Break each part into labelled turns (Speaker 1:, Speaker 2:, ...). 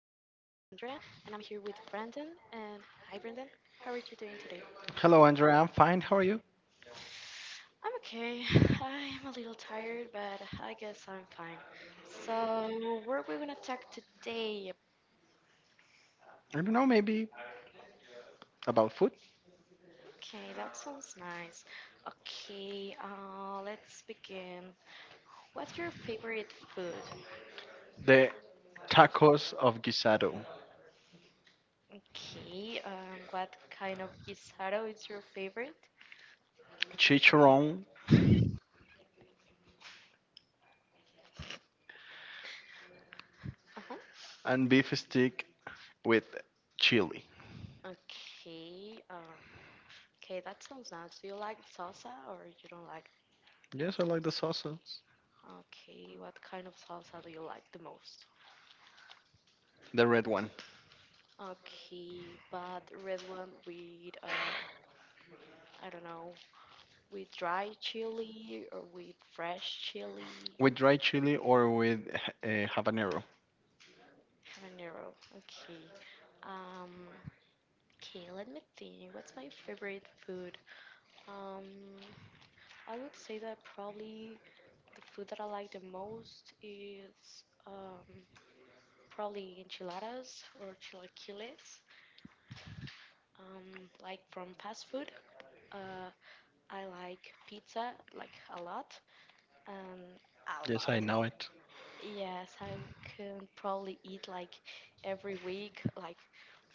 Speaker 1: is Andrea, and I'm here with Brandon. And hi, Brandon. How are you doing today?
Speaker 2: Hello, Andrea. I'm fine. How are you?
Speaker 1: I'm okay. I'm a little tired, but I guess I'm fine. So, what are we gonna talk today?
Speaker 2: I don't know, maybe about food.
Speaker 1: Okay, that sounds nice. Okay, let's begin. What's your favorite food?
Speaker 2: The tacos of guisado,
Speaker 1: Okay, what kind of guisado is your favorite?
Speaker 2: chicharron,
Speaker 1: Uh-huh.
Speaker 2: and beef stick with chili.
Speaker 1: Okay. Okay, that sounds nice. Do you like salsa or you don't like?
Speaker 2: Yes, I like the sauces.
Speaker 1: Okay, what kind of salsa do you like the most?
Speaker 2: The red one.
Speaker 1: Okay, but red one with I don't know, with dry chili or with fresh chili
Speaker 2: With dry chili or with habanero.
Speaker 1: habanero. Okay, um, okay, let me think. What's my favorite food? Um, I would say that probably the food that I like the most is probably enchiladas or chilaquiles. Like from fast food, uh, I like pizza like a lot, and a
Speaker 2: Yes,
Speaker 1: lot.
Speaker 2: I know it.
Speaker 1: Yes, I can probably eat like every week, like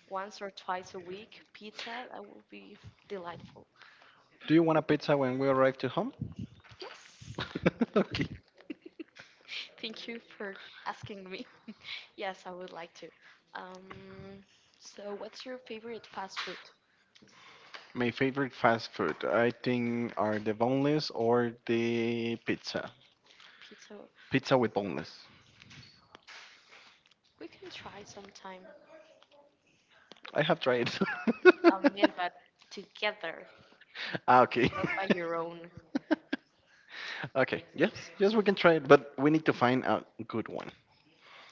Speaker 1: once or twice a week. Pizza that would be delightful.
Speaker 2: Do you want a pizza when we arrive to home?
Speaker 1: Yes,
Speaker 2: Okay.
Speaker 1: thank you for asking me. Yes, I would like to. Um, so what's your favorite fast food?
Speaker 2: My favorite fast food, I think, are the boneless or the pizza.
Speaker 1: Pizza.
Speaker 2: Pizza with boneless.
Speaker 1: We can try sometime.
Speaker 2: I have tried.
Speaker 1: Man, but together,
Speaker 2: Ah, okay.
Speaker 1: not by your own.
Speaker 2: Okay. Yes. Yes, we can try it, but we need to find a good one.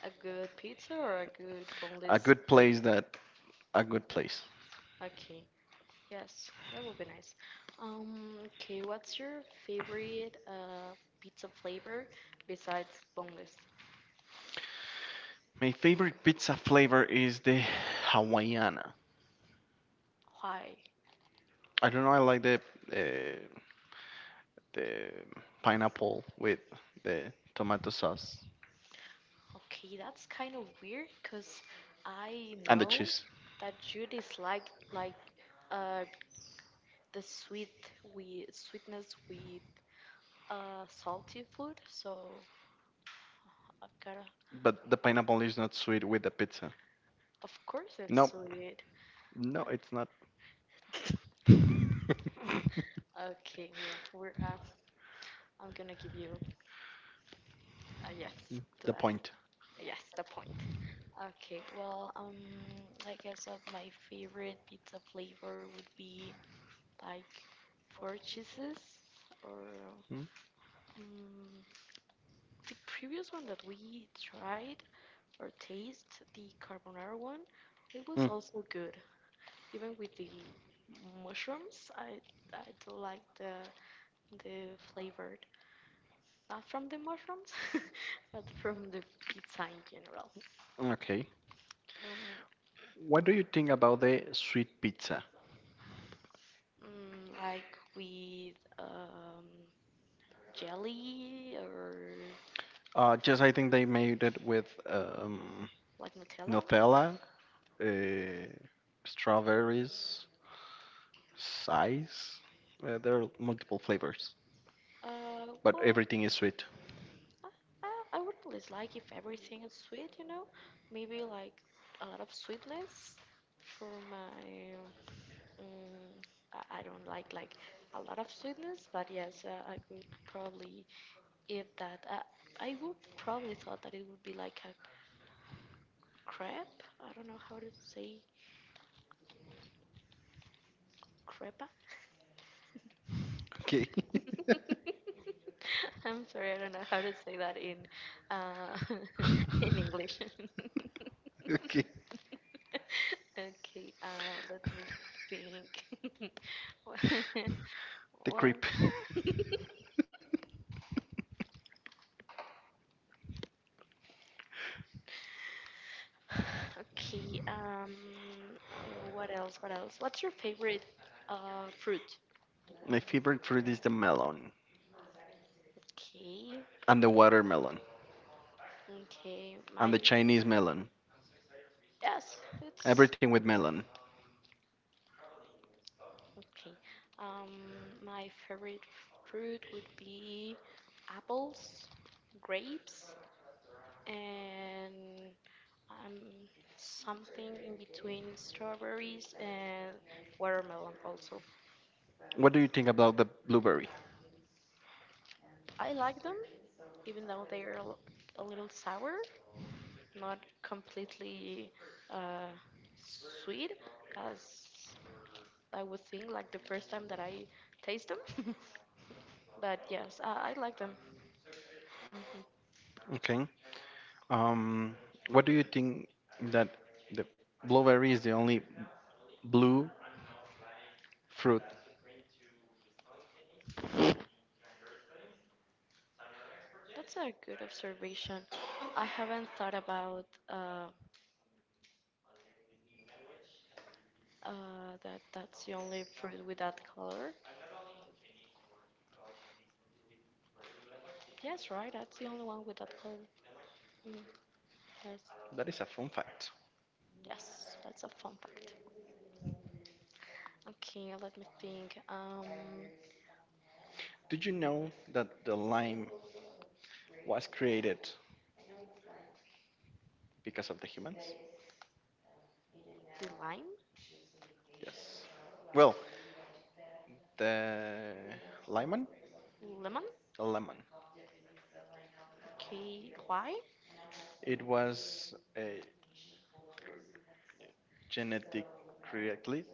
Speaker 1: A good pizza or a good
Speaker 2: A
Speaker 1: boneless?
Speaker 2: good place that a good place.
Speaker 1: Okay, yes, that would be nice. Okay, what's your favorite pizza flavor besides boneless?
Speaker 2: My favorite pizza flavor is the Hawaiiana.
Speaker 1: Why?
Speaker 2: I don't know. I like uh, the pineapple with the tomato sauce
Speaker 1: Okay, that's kind of weird because I
Speaker 2: and the
Speaker 1: know
Speaker 2: cheese.
Speaker 1: that you dislike like uh the sweet with sweetness with salty food, so I gotta
Speaker 2: But the pineapple is not sweet with the pizza.
Speaker 1: of course it's
Speaker 2: No,
Speaker 1: sweet.
Speaker 2: no, it's not.
Speaker 1: Okay, we're I'm gonna give you. Yes, to
Speaker 2: The
Speaker 1: that.
Speaker 2: point.
Speaker 1: Yes, the point. Okay, well, I guess that my favorite pizza flavor would be like four cheeses or
Speaker 2: Mm.
Speaker 1: um, the previous one that we tried or taste, the carbonara one, it was
Speaker 2: Mm.
Speaker 1: also good. Even with the mushrooms, I do like the flavored, not from the mushrooms, but from the pizza in general.
Speaker 2: Okay.
Speaker 1: Mm,
Speaker 2: What do you think about the sweet pizza?
Speaker 1: Mm, like with jelly or
Speaker 2: Just I think they made it with
Speaker 1: like Nutella.
Speaker 2: Nutella, uh, strawberries, size. There are multiple flavors,
Speaker 1: Uh,
Speaker 2: but
Speaker 1: well,
Speaker 2: everything is sweet.
Speaker 1: I, I, I wouldn't dislike if everything is sweet, you know. Maybe like a lot of sweetness for my. Mm, I don't like a lot of sweetness, but yes, I could probably eat that. I would probably thought that it would be like a crepe. I don't know how to say crepe.
Speaker 2: Okay.
Speaker 1: I'm sorry, I don't know how to say that in uh, in English.
Speaker 2: Okay.
Speaker 1: Okay, let me think. What?
Speaker 2: The
Speaker 1: What?
Speaker 2: creep.
Speaker 1: Okay. What else? What else? What's your favorite fruit?
Speaker 2: My favorite fruit is the melon
Speaker 1: Okay.
Speaker 2: and the watermelon
Speaker 1: Okay. My
Speaker 2: and the Chinese melon.
Speaker 1: yes, it's
Speaker 2: Everything with melon.
Speaker 1: okay. Um. My favorite fruit would be apples, grapes. And um, something in between strawberries and watermelon also.
Speaker 2: What do you think about the blueberry?
Speaker 1: I like them even though they're a little sour, not completely uh, sweet as I would think like the first time that I taste them. But yes, I like them. hmm
Speaker 2: Okay. Um, what do you think that the blueberry is the only blue fruit.
Speaker 1: That's a good observation. I haven't thought about uh, that that's the only fruit with that color. Yes, right. That's the only one with that color. Mm, yes,
Speaker 2: That is a fun fact.
Speaker 1: yes. That's a fun fact. Okay, let me think. Um,
Speaker 2: Did you know that the lime was created because of the humans?
Speaker 1: the lime,
Speaker 2: Yes. Well, the lemon,
Speaker 1: lemon.
Speaker 2: the lemon.
Speaker 1: Okay, why?
Speaker 2: It was a genetic creately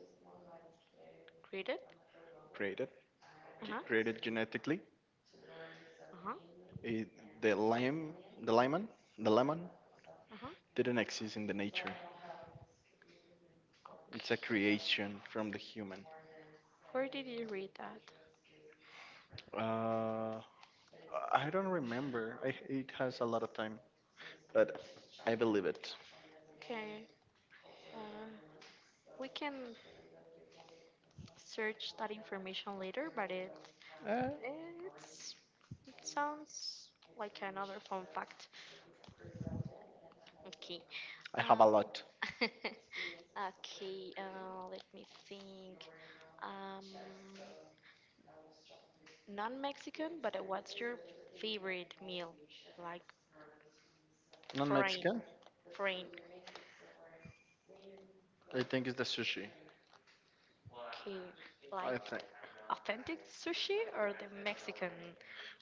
Speaker 1: Read it.
Speaker 2: created
Speaker 1: Uh huh.
Speaker 2: created genetically.
Speaker 1: Uh huh.
Speaker 2: It, the lime, the lemon, the lemon
Speaker 1: Uh huh.
Speaker 2: didn't exist in the nature. It's a
Speaker 1: Okay.
Speaker 2: creation from the human.
Speaker 1: Where did you read that?
Speaker 2: Uh, I don't remember. I, it has a lot of time, but I believe it.
Speaker 1: Okay. Uh, we can search that information later, but
Speaker 2: Uh,
Speaker 1: it's it sounds like another fun fact. Okay.
Speaker 2: I have a
Speaker 1: Um.
Speaker 2: lot.
Speaker 1: Okay, let me think. Um, non-Mexican, but what's your favorite meal? Like
Speaker 2: Not
Speaker 1: foreign,
Speaker 2: Mexican.
Speaker 1: foreign.
Speaker 2: I think it's the sushi.
Speaker 1: Okay, like
Speaker 2: I think.
Speaker 1: authentic sushi or the Mexican?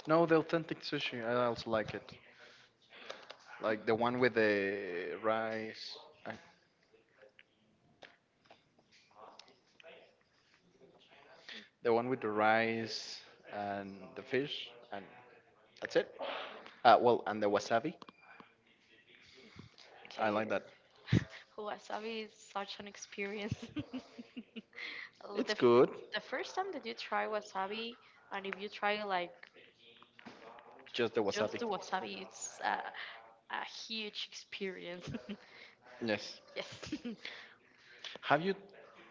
Speaker 2: No, the authentic sushi. I also like it. Like the one with the rice. uh, The one with the rice and the fish. And that's it. Well, and the wasabi. I like
Speaker 1: Okay,
Speaker 2: that.
Speaker 1: wasabi is such an experience. L- the,
Speaker 2: It's
Speaker 1: f-
Speaker 2: good.
Speaker 1: the first time that you try wasabi, and if you try like
Speaker 2: Just the wasabi.
Speaker 1: just the wasabi, it's a huge experience.
Speaker 2: Yes.
Speaker 1: Yes.
Speaker 2: Have you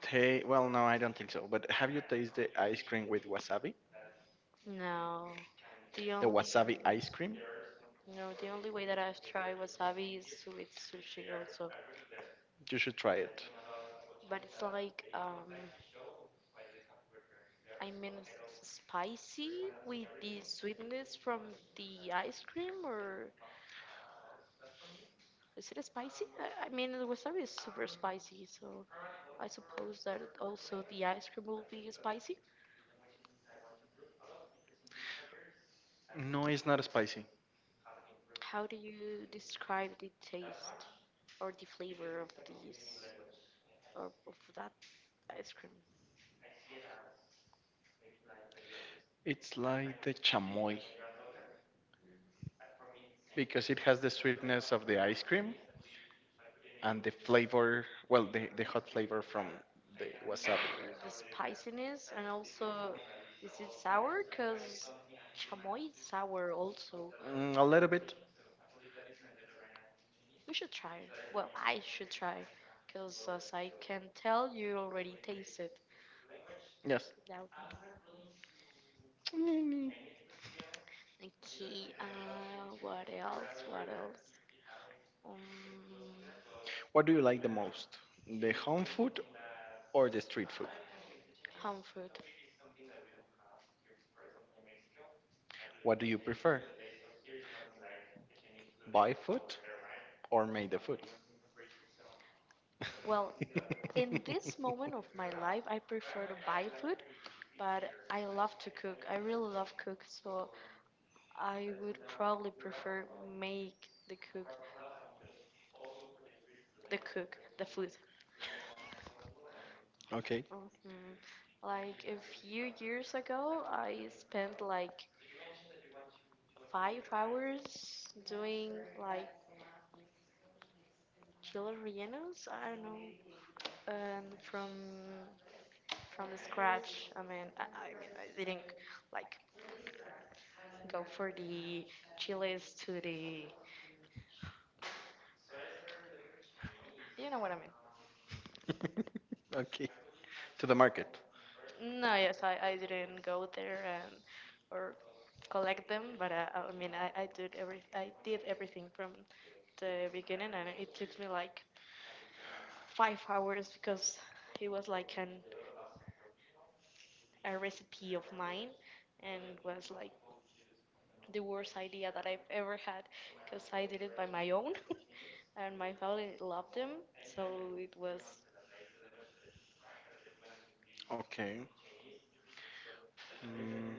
Speaker 2: ta Well, no, I don't think so. But have you tasted ice cream with wasabi?
Speaker 1: No, the
Speaker 2: The
Speaker 1: only
Speaker 2: wasabi ice cream,
Speaker 1: no, the only way that I've tried wasabi is with sushi also,
Speaker 2: you should try it.
Speaker 1: but it's like I mean, it's spicy with the sweetness from the ice cream, or is it spicy? I mean, the wasabi is super spicy, so I suppose that also the ice cream will be spicy.
Speaker 2: No, it's not spicy.
Speaker 1: How do you describe the taste or the flavor of these or of that ice cream?
Speaker 2: It's like the chamoy because it has the sweetness of the ice cream and the flavor, well, the hot flavor from the wasabi.
Speaker 1: The spiciness, and also is it sour? Cause chamoy is sour also.
Speaker 2: Mm, a little bit,
Speaker 1: We should try. Well, I should try, cause as I can tell, you already taste it
Speaker 2: yes.
Speaker 1: without me. Okay. What else? What else? Um,
Speaker 2: What do you like the most? The home food or the street food?
Speaker 1: home food.
Speaker 2: What do you prefer? Buy food or make the food?
Speaker 1: Well, in this moment of my life, I prefer to buy food, but I love to cook. I really love cook, so I would probably prefer make the food.
Speaker 2: Okay.
Speaker 1: Mhm. Like a few years ago, I spent like 5 hours doing like chile rellenos. I don't know, and from the scratch. I mean, I didn't like go for the chiles to the. You know what I mean?
Speaker 2: Okay. To the market.
Speaker 1: No, yes, I didn't go there and or collect them, but I mean I did everything from the beginning, and it took me like 5 hours because it was like an a recipe of mine, and was like the worst idea that I've ever had because I did it by my own, and my family loved them, so it was
Speaker 2: Okay. Mm,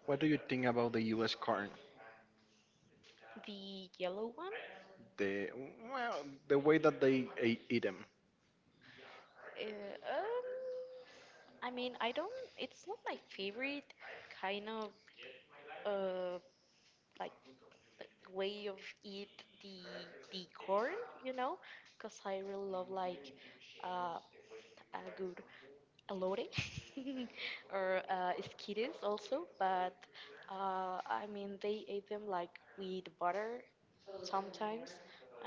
Speaker 2: what do you think about the U.S. corn?
Speaker 1: the yellow one.
Speaker 2: The well, the way that they eat them,
Speaker 1: Uh, um, I mean I don't. It's not my favorite kind of uh like the way of eat the the corn, you know, because I really love like uh a good elote or esquites also, but I mean they eat them like with butter sometimes.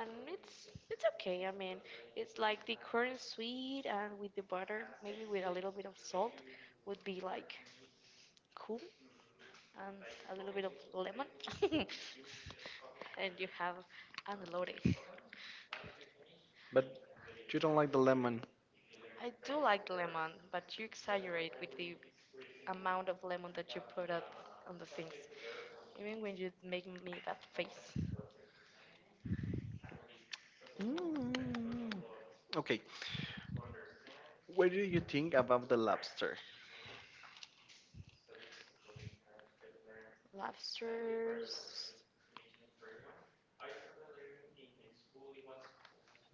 Speaker 1: And it's okay. I mean, it's like the corn sweet and with the butter, maybe with a little bit of salt, would be like cool and a little bit of lemon. And you have unloaded.
Speaker 2: but you don't like the lemon.
Speaker 1: I do like lemon, but you exaggerate with the amount of lemon that you put out on the things. Even when you make me that face.
Speaker 2: Mm. Okay. What do you think about the lobster?
Speaker 1: Lobsters,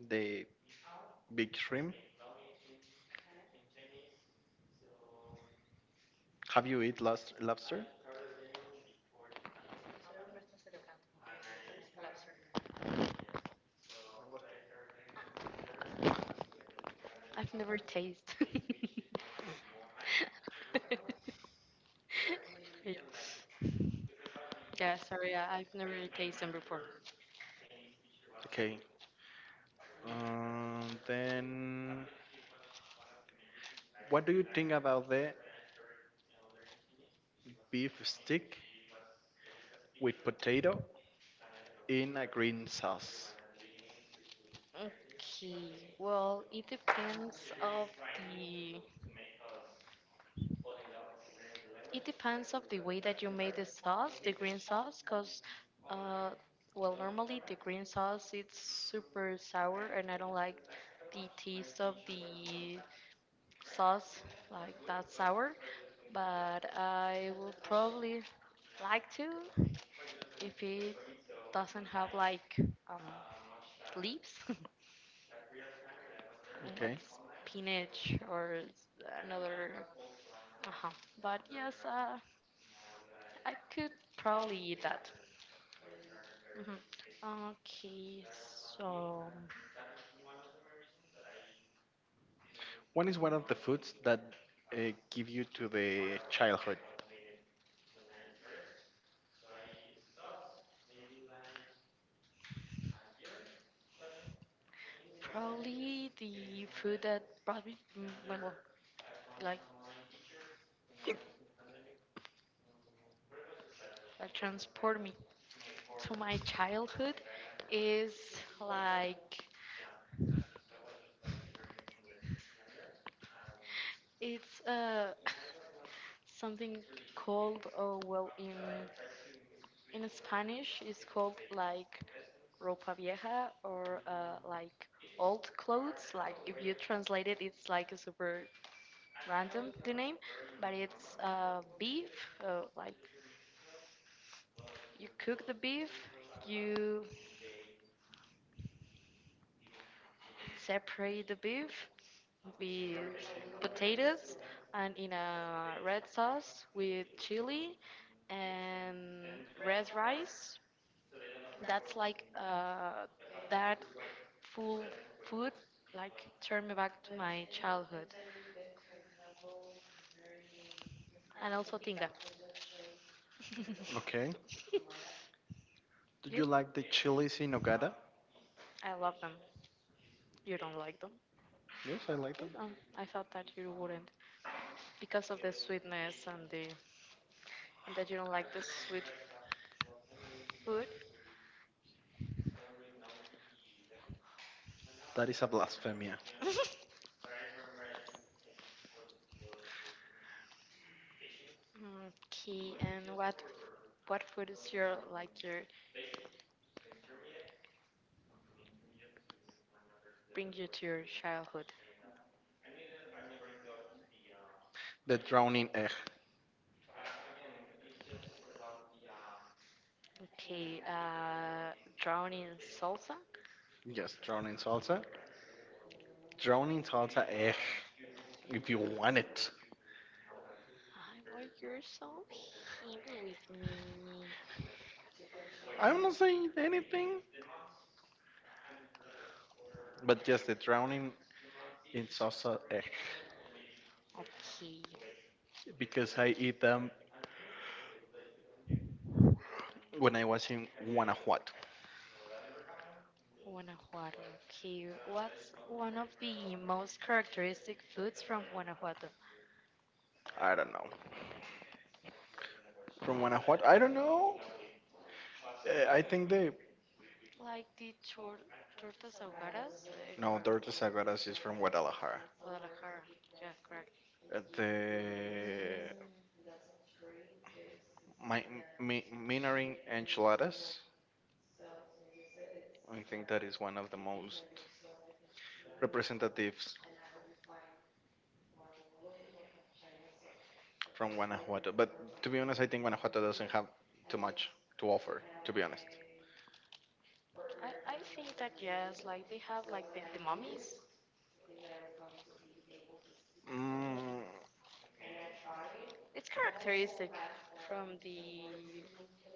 Speaker 2: The big shrimp? Have you eat lobster?
Speaker 1: I've never tasted. Yeah. Yeah, sorry, I've never tasted them before.
Speaker 2: Okay. Then what do you think about the beef stick with potato in a green sauce?
Speaker 1: Okay, well, the It depends of the way that you made the sauce, the green sauce, cause uh, well, normally the green sauce it's super sour, and I don't like the taste of the sauce like that sour. But I will probably like to if it doesn't have like um, leaves, and, like
Speaker 2: Okay.
Speaker 1: spinach or another. Uh-huh. But yes, I could probably eat that. Mhm. Okay, so
Speaker 2: What is one of the foods that give you to the childhood?
Speaker 1: probably the food that brought me, well, like, like, transport me to my childhood is like it's something called oh well in Spanish it's called like ropa vieja or like old clothes. Like if you translate it, it's like a super random the name, but it's beef, like you cook the beef, you separate the beef with potatoes and in a red sauce with chili and red rice. That's like that full food like turned me back to my childhood and also tinga.
Speaker 2: Okay. Do
Speaker 1: You?
Speaker 2: you like the chilies in nogada?
Speaker 1: I love them. You don't like them?
Speaker 2: Yes, I like
Speaker 1: Okay.
Speaker 2: them.
Speaker 1: I thought that you wouldn't because of the sweetness and the and that you don't like the sweet food.
Speaker 2: That is a blasphemia.
Speaker 1: Okay, and what food is your like your bring you to your childhood?
Speaker 2: The drowning egg.
Speaker 1: Okay, drowning in salsa.
Speaker 2: Yes, drowning salsa. Drowning salsa egg. If you want it.
Speaker 1: I why you're so happy with me?
Speaker 2: I'm not saying anything, but just the drowning in salsa egg.
Speaker 1: Okay,
Speaker 2: Because I eat them when I was in Guanajuato.
Speaker 1: Guanajuato. Okay, what's one of the most characteristic foods from Guanajuato?
Speaker 2: I don't know. From Guanajuato? I don't know. I think they.
Speaker 1: Like the tortas ahogadas, or
Speaker 2: No, Dorothy Sagradas is from Guadalajara.
Speaker 1: Guadalajara. Yeah, correct.
Speaker 2: The my, Minering enchiladas. I think that is one of the most representatives from Guanajuato. But to be honest, I think Guanajuato doesn't have too much to offer, to be honest.
Speaker 1: I think that yes, like they have like the mummies.
Speaker 2: Mm,
Speaker 1: It's characteristic from the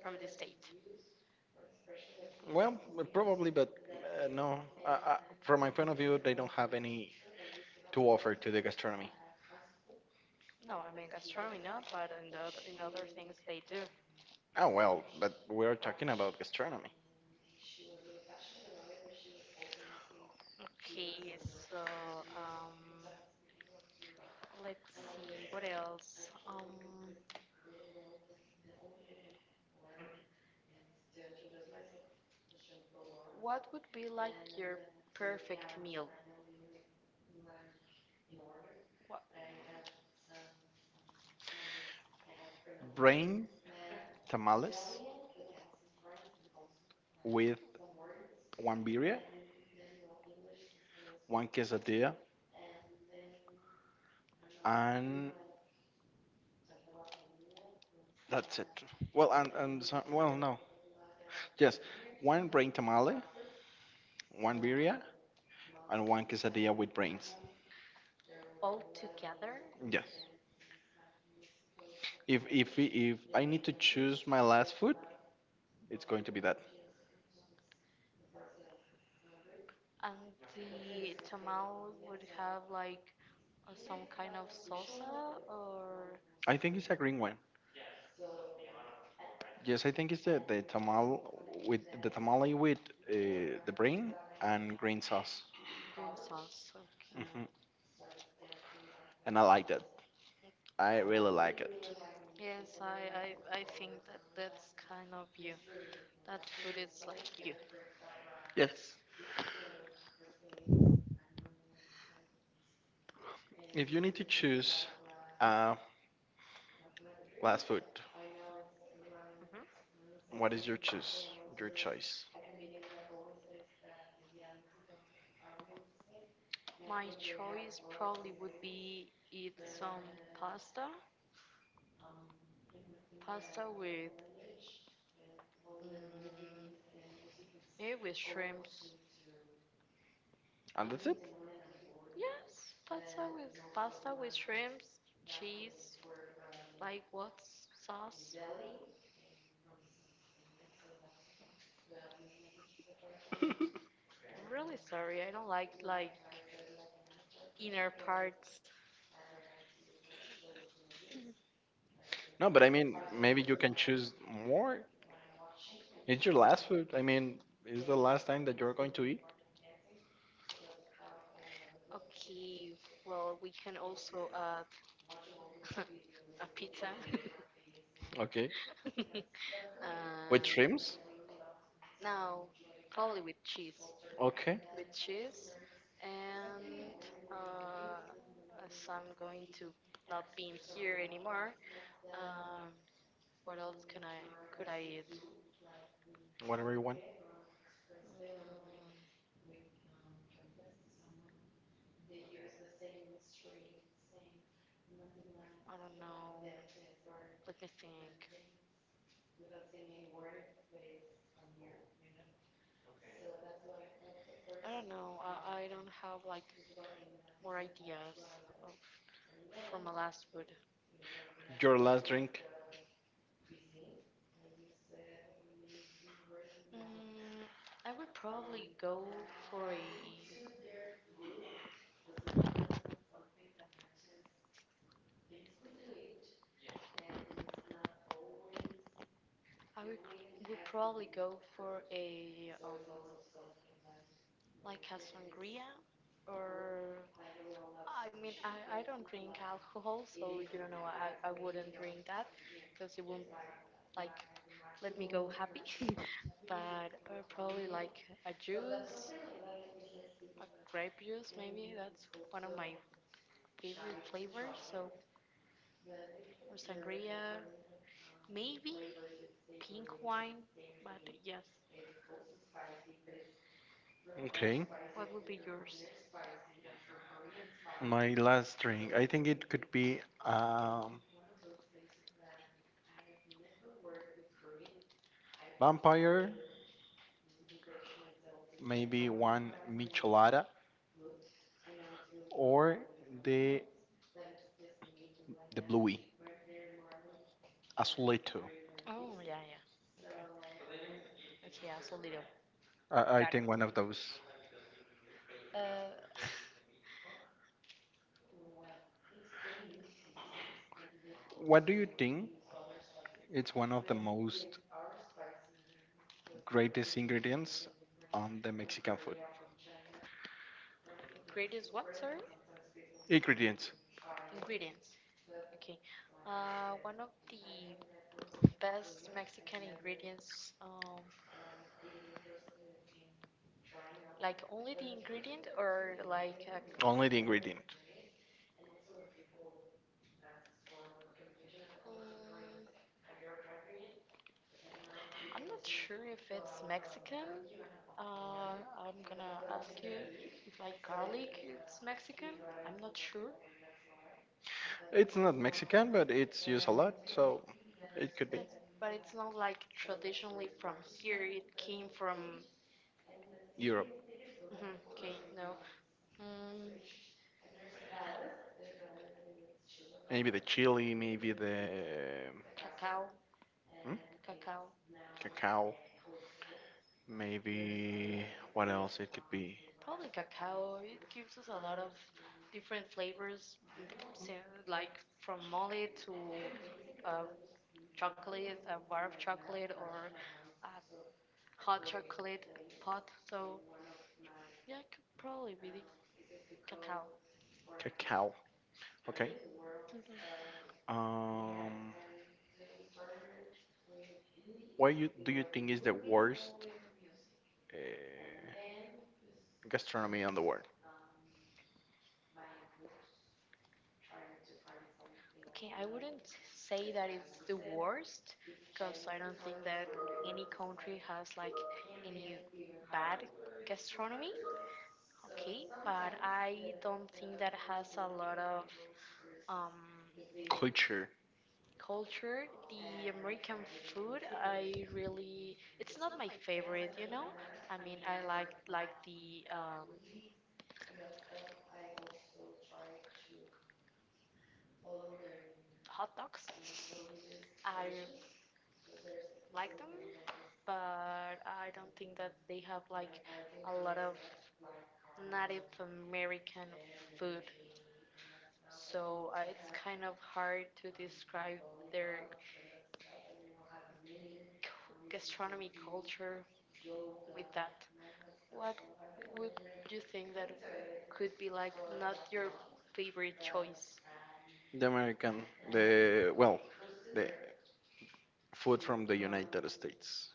Speaker 1: from the state.
Speaker 2: well, probably, but no. Uh, uh, from my point of view, they don't have any to offer to the gastronomy.
Speaker 1: No, I mean gastronomy not, but in the in other things they do.
Speaker 2: Oh, well, but we're talking about gastronomy.
Speaker 1: Okay, so um, let's see what else. What would be like your perfect meal? What,
Speaker 2: Brain tamales with one birria, one quesadilla, and that's it. Well, well, no. Yes, one brain tamale, one birria, and one quesadilla with brains.
Speaker 1: all together?
Speaker 2: Yes. If I need to choose my last food, it's going to be that.
Speaker 1: And the tamal would have like some kind of salsa or
Speaker 2: I think it's a green one. Yes, I think it's the tamale with the brain and green sauce.
Speaker 1: green sauce.
Speaker 2: Hmm.
Speaker 1: Okay.
Speaker 2: And I like that. I really like it.
Speaker 1: Yes, I think that that's kind of you. That food is like you.
Speaker 2: Yes. If you need to choose uh, last food,
Speaker 1: hmm
Speaker 2: what is your choose? Your choice.
Speaker 1: My choice probably would be eat some pasta, pasta with mm, maybe with shrimps.
Speaker 2: And that's
Speaker 1: Uh,
Speaker 2: it.
Speaker 1: yes, pasta with shrimps, cheese, like what sauce? I'm really sorry, I don't like inner parts.
Speaker 2: No, but I mean, maybe you can choose more. It's your last food. I mean, it's the last time that you're going to eat.
Speaker 1: Okay, well we can also add a pizza.
Speaker 2: Okay. With
Speaker 1: And
Speaker 2: shrimps?
Speaker 1: now probably
Speaker 2: Okay.
Speaker 1: with cheese, and uh, as I'm going to not being here anymore, um, what else can I could I eat?
Speaker 2: Whatever you want.
Speaker 1: Mm, I don't know. Let me think. I don't know. I don't have like more ideas of, from my last food.
Speaker 2: Your last drink?
Speaker 1: Mm, I would probably go for a I would probably go for a, like a sangria or I mean I don't drink alcohol so you don't know I wouldn't drink that because it won't like let me go happy but probably like a juice a grape juice maybe that's one of my favorite flavors so or sangria maybe pink wine but yes
Speaker 2: Okay.
Speaker 1: what would be yours.
Speaker 2: My last drink. I think it could be um, vampire, maybe one michelada, or the the bluey, azulito.
Speaker 1: Oh, yeah, yeah, okay. Okay, also little.
Speaker 2: I
Speaker 1: Got it.
Speaker 2: think one of those.
Speaker 1: Uh,
Speaker 2: What do you think? It's one of the most greatest ingredients on the Mexican food.
Speaker 1: greatest what, sorry?
Speaker 2: Ingredients.
Speaker 1: Ingredients. Okay. One of the best Mexican ingredients, like only the ingredient or
Speaker 2: Only the ingredient.
Speaker 1: mm, I'm not sure if it's Mexican. Uh, I'm gonna ask you if like garlic it's Mexican. I'm not sure.
Speaker 2: It's not Mexican, but it's used a lot, so it could be
Speaker 1: Uh, But it's not like traditionally from here. It came from.
Speaker 2: Europe.
Speaker 1: Mhm, okay, no. Mm,
Speaker 2: Maybe the chili, maybe the
Speaker 1: cacao,
Speaker 2: hmm?
Speaker 1: cacao,
Speaker 2: Cacao, maybe what else it could be?
Speaker 1: probably cacao. It gives us a lot of different flavors, like from mole to uh, chocolate, a bar of chocolate, or a hot chocolate pot. So yeah, it could probably be the cacao.
Speaker 2: Cacao. Okay.
Speaker 1: Mhm.
Speaker 2: Um, what you do you think is the worst uh, gastronomy on the world?
Speaker 1: Okay, I wouldn't say that it's the worst because I don't think that any country has like any bad gastronomy. Okay, but I don't think that has a lot of um,
Speaker 2: Culture.
Speaker 1: culture. The American food, I really, it's not my favorite. I mean, I like the hot dogs. I like them, but I don't think that they have like a lot of Native American food. So it's kind of hard to describe their gastronomy culture with that. What would you think that could be like not your favorite choice
Speaker 2: The American. The well, the food from the United States.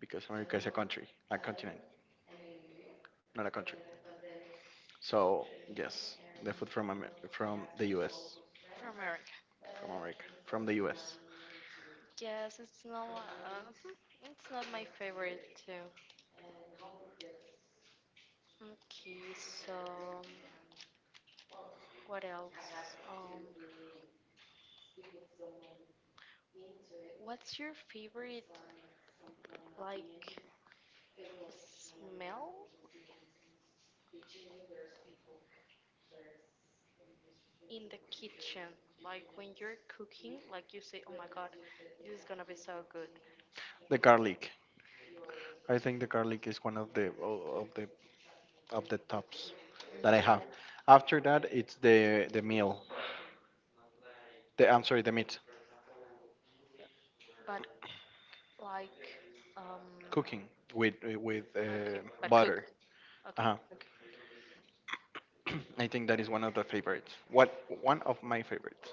Speaker 2: Because America is a country, a continent, not a country. So yes, the food from from the U.S.
Speaker 1: for America?
Speaker 2: from America from the U.S.
Speaker 1: Yes, it's not. It's not my favorite too. Okay, so what else? Um, what's your favorite like smell in the kitchen? Like when you're cooking, like you say, "Oh my God, this is gonna be so good."
Speaker 2: The garlic. I think the garlic is one of the tops that I have.
Speaker 1: Yeah,
Speaker 2: After that, it's the meal. The I'm sorry, the meat
Speaker 1: but like um
Speaker 2: cooking with with
Speaker 1: okay,
Speaker 2: uh,
Speaker 1: but cook.
Speaker 2: butter.
Speaker 1: Okay,
Speaker 2: Uh,
Speaker 1: okay.
Speaker 2: I think that is one of the favorites. What one of my favorites.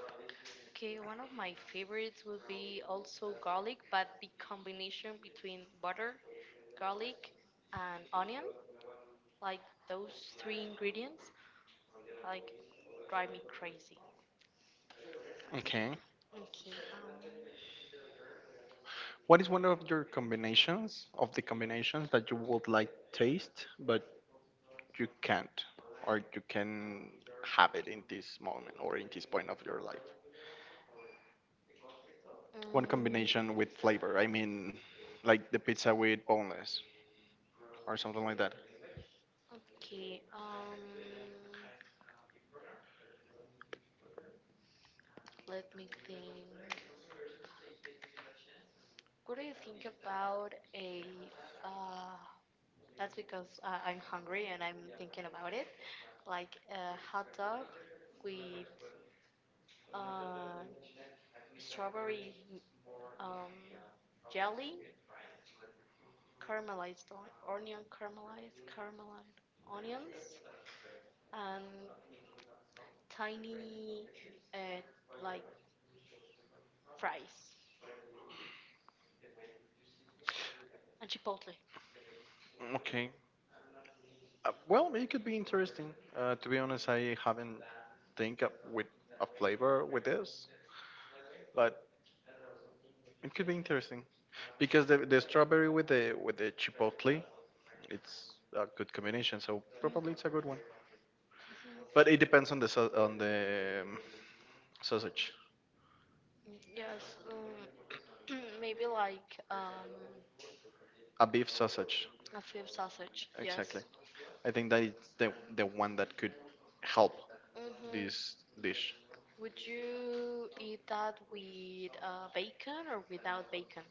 Speaker 1: Okay, one of my favorites will be also garlic, but the combination between butter, garlic, and onion, like those three ingredients, like drive me crazy.
Speaker 2: Okay.
Speaker 1: Okay, um,
Speaker 2: What is one of your combinations of the combinations that you would like taste but you can't or you can have it in this moment or in this point of your life?
Speaker 1: mm,
Speaker 2: One combination
Speaker 1: okay,
Speaker 2: with flavor. I mean, like the pizza with boneless or something like that.
Speaker 1: um, let me think. What do you think about a, uh, that's because I'm hungry and I'm thinking about it, like a hot dog with uh, strawberry um, jelly, caramelized onion, caramelized onions, and tiny uh, like fries and chipotle.
Speaker 2: Okay. Well, it could be interesting. To be honest, I haven't think up with a flavor with this, but it could be interesting because the strawberry with the chipotle it's a good combination, so probably it's a good one. But it depends on on the sausage,
Speaker 1: Mhm. Yes, maybe like
Speaker 2: a beef sausage.
Speaker 1: a fifth sausage.
Speaker 2: Exactly.
Speaker 1: Yes.
Speaker 2: I think that it's the one that could help
Speaker 1: Mm-hmm.
Speaker 2: this dish
Speaker 1: Would you eat that with bacon or without bacon?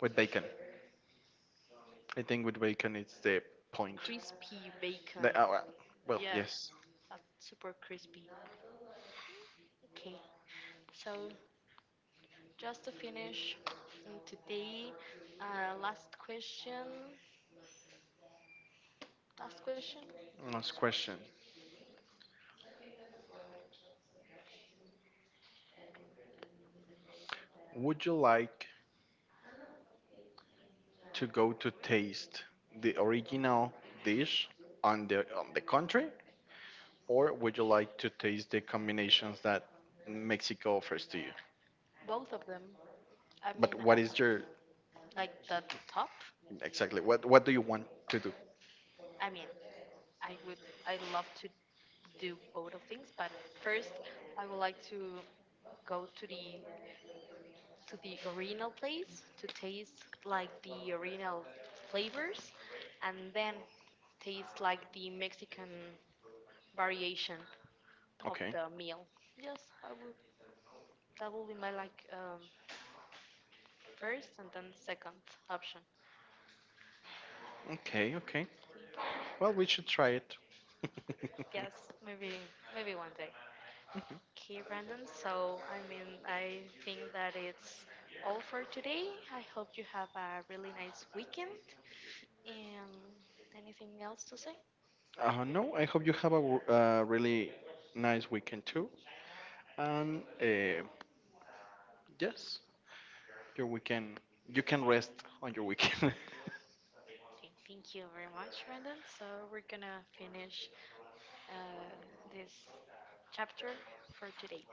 Speaker 2: with bacon. I think with bacon it's the point.
Speaker 1: Crispy bacon.
Speaker 2: The, uh, uh, well,
Speaker 1: Yes,
Speaker 2: yes.
Speaker 1: that's super crispy. Okay, so just to finish today, last question. Last question?
Speaker 2: Last question. Would you like to go to taste the original dish on the country or would you like to taste the combinations that Mexico offers to you?
Speaker 1: Both of them. I
Speaker 2: But
Speaker 1: mean,
Speaker 2: what is your
Speaker 1: like the top?
Speaker 2: exactly what do you want to do?
Speaker 1: I mean, I would I love to do both of things, but first I would like to go to the original place to taste like the original flavors and then taste like the Mexican variation of
Speaker 2: Okay.
Speaker 1: the meal. Yes, I would. That will be my like first and then second option.
Speaker 2: Okay, okay. Well, we should try it.
Speaker 1: Yes, maybe one day. Okay, Brandon. So, I mean, I think that it's all for today. I hope you have a really nice weekend. And anything else to say?
Speaker 2: No, I hope you have a really nice weekend too. And yes, your weekend you can rest on your weekend.
Speaker 1: Okay, thank you very much, Brandon. So, we're gonna finish uh, this chapter for today.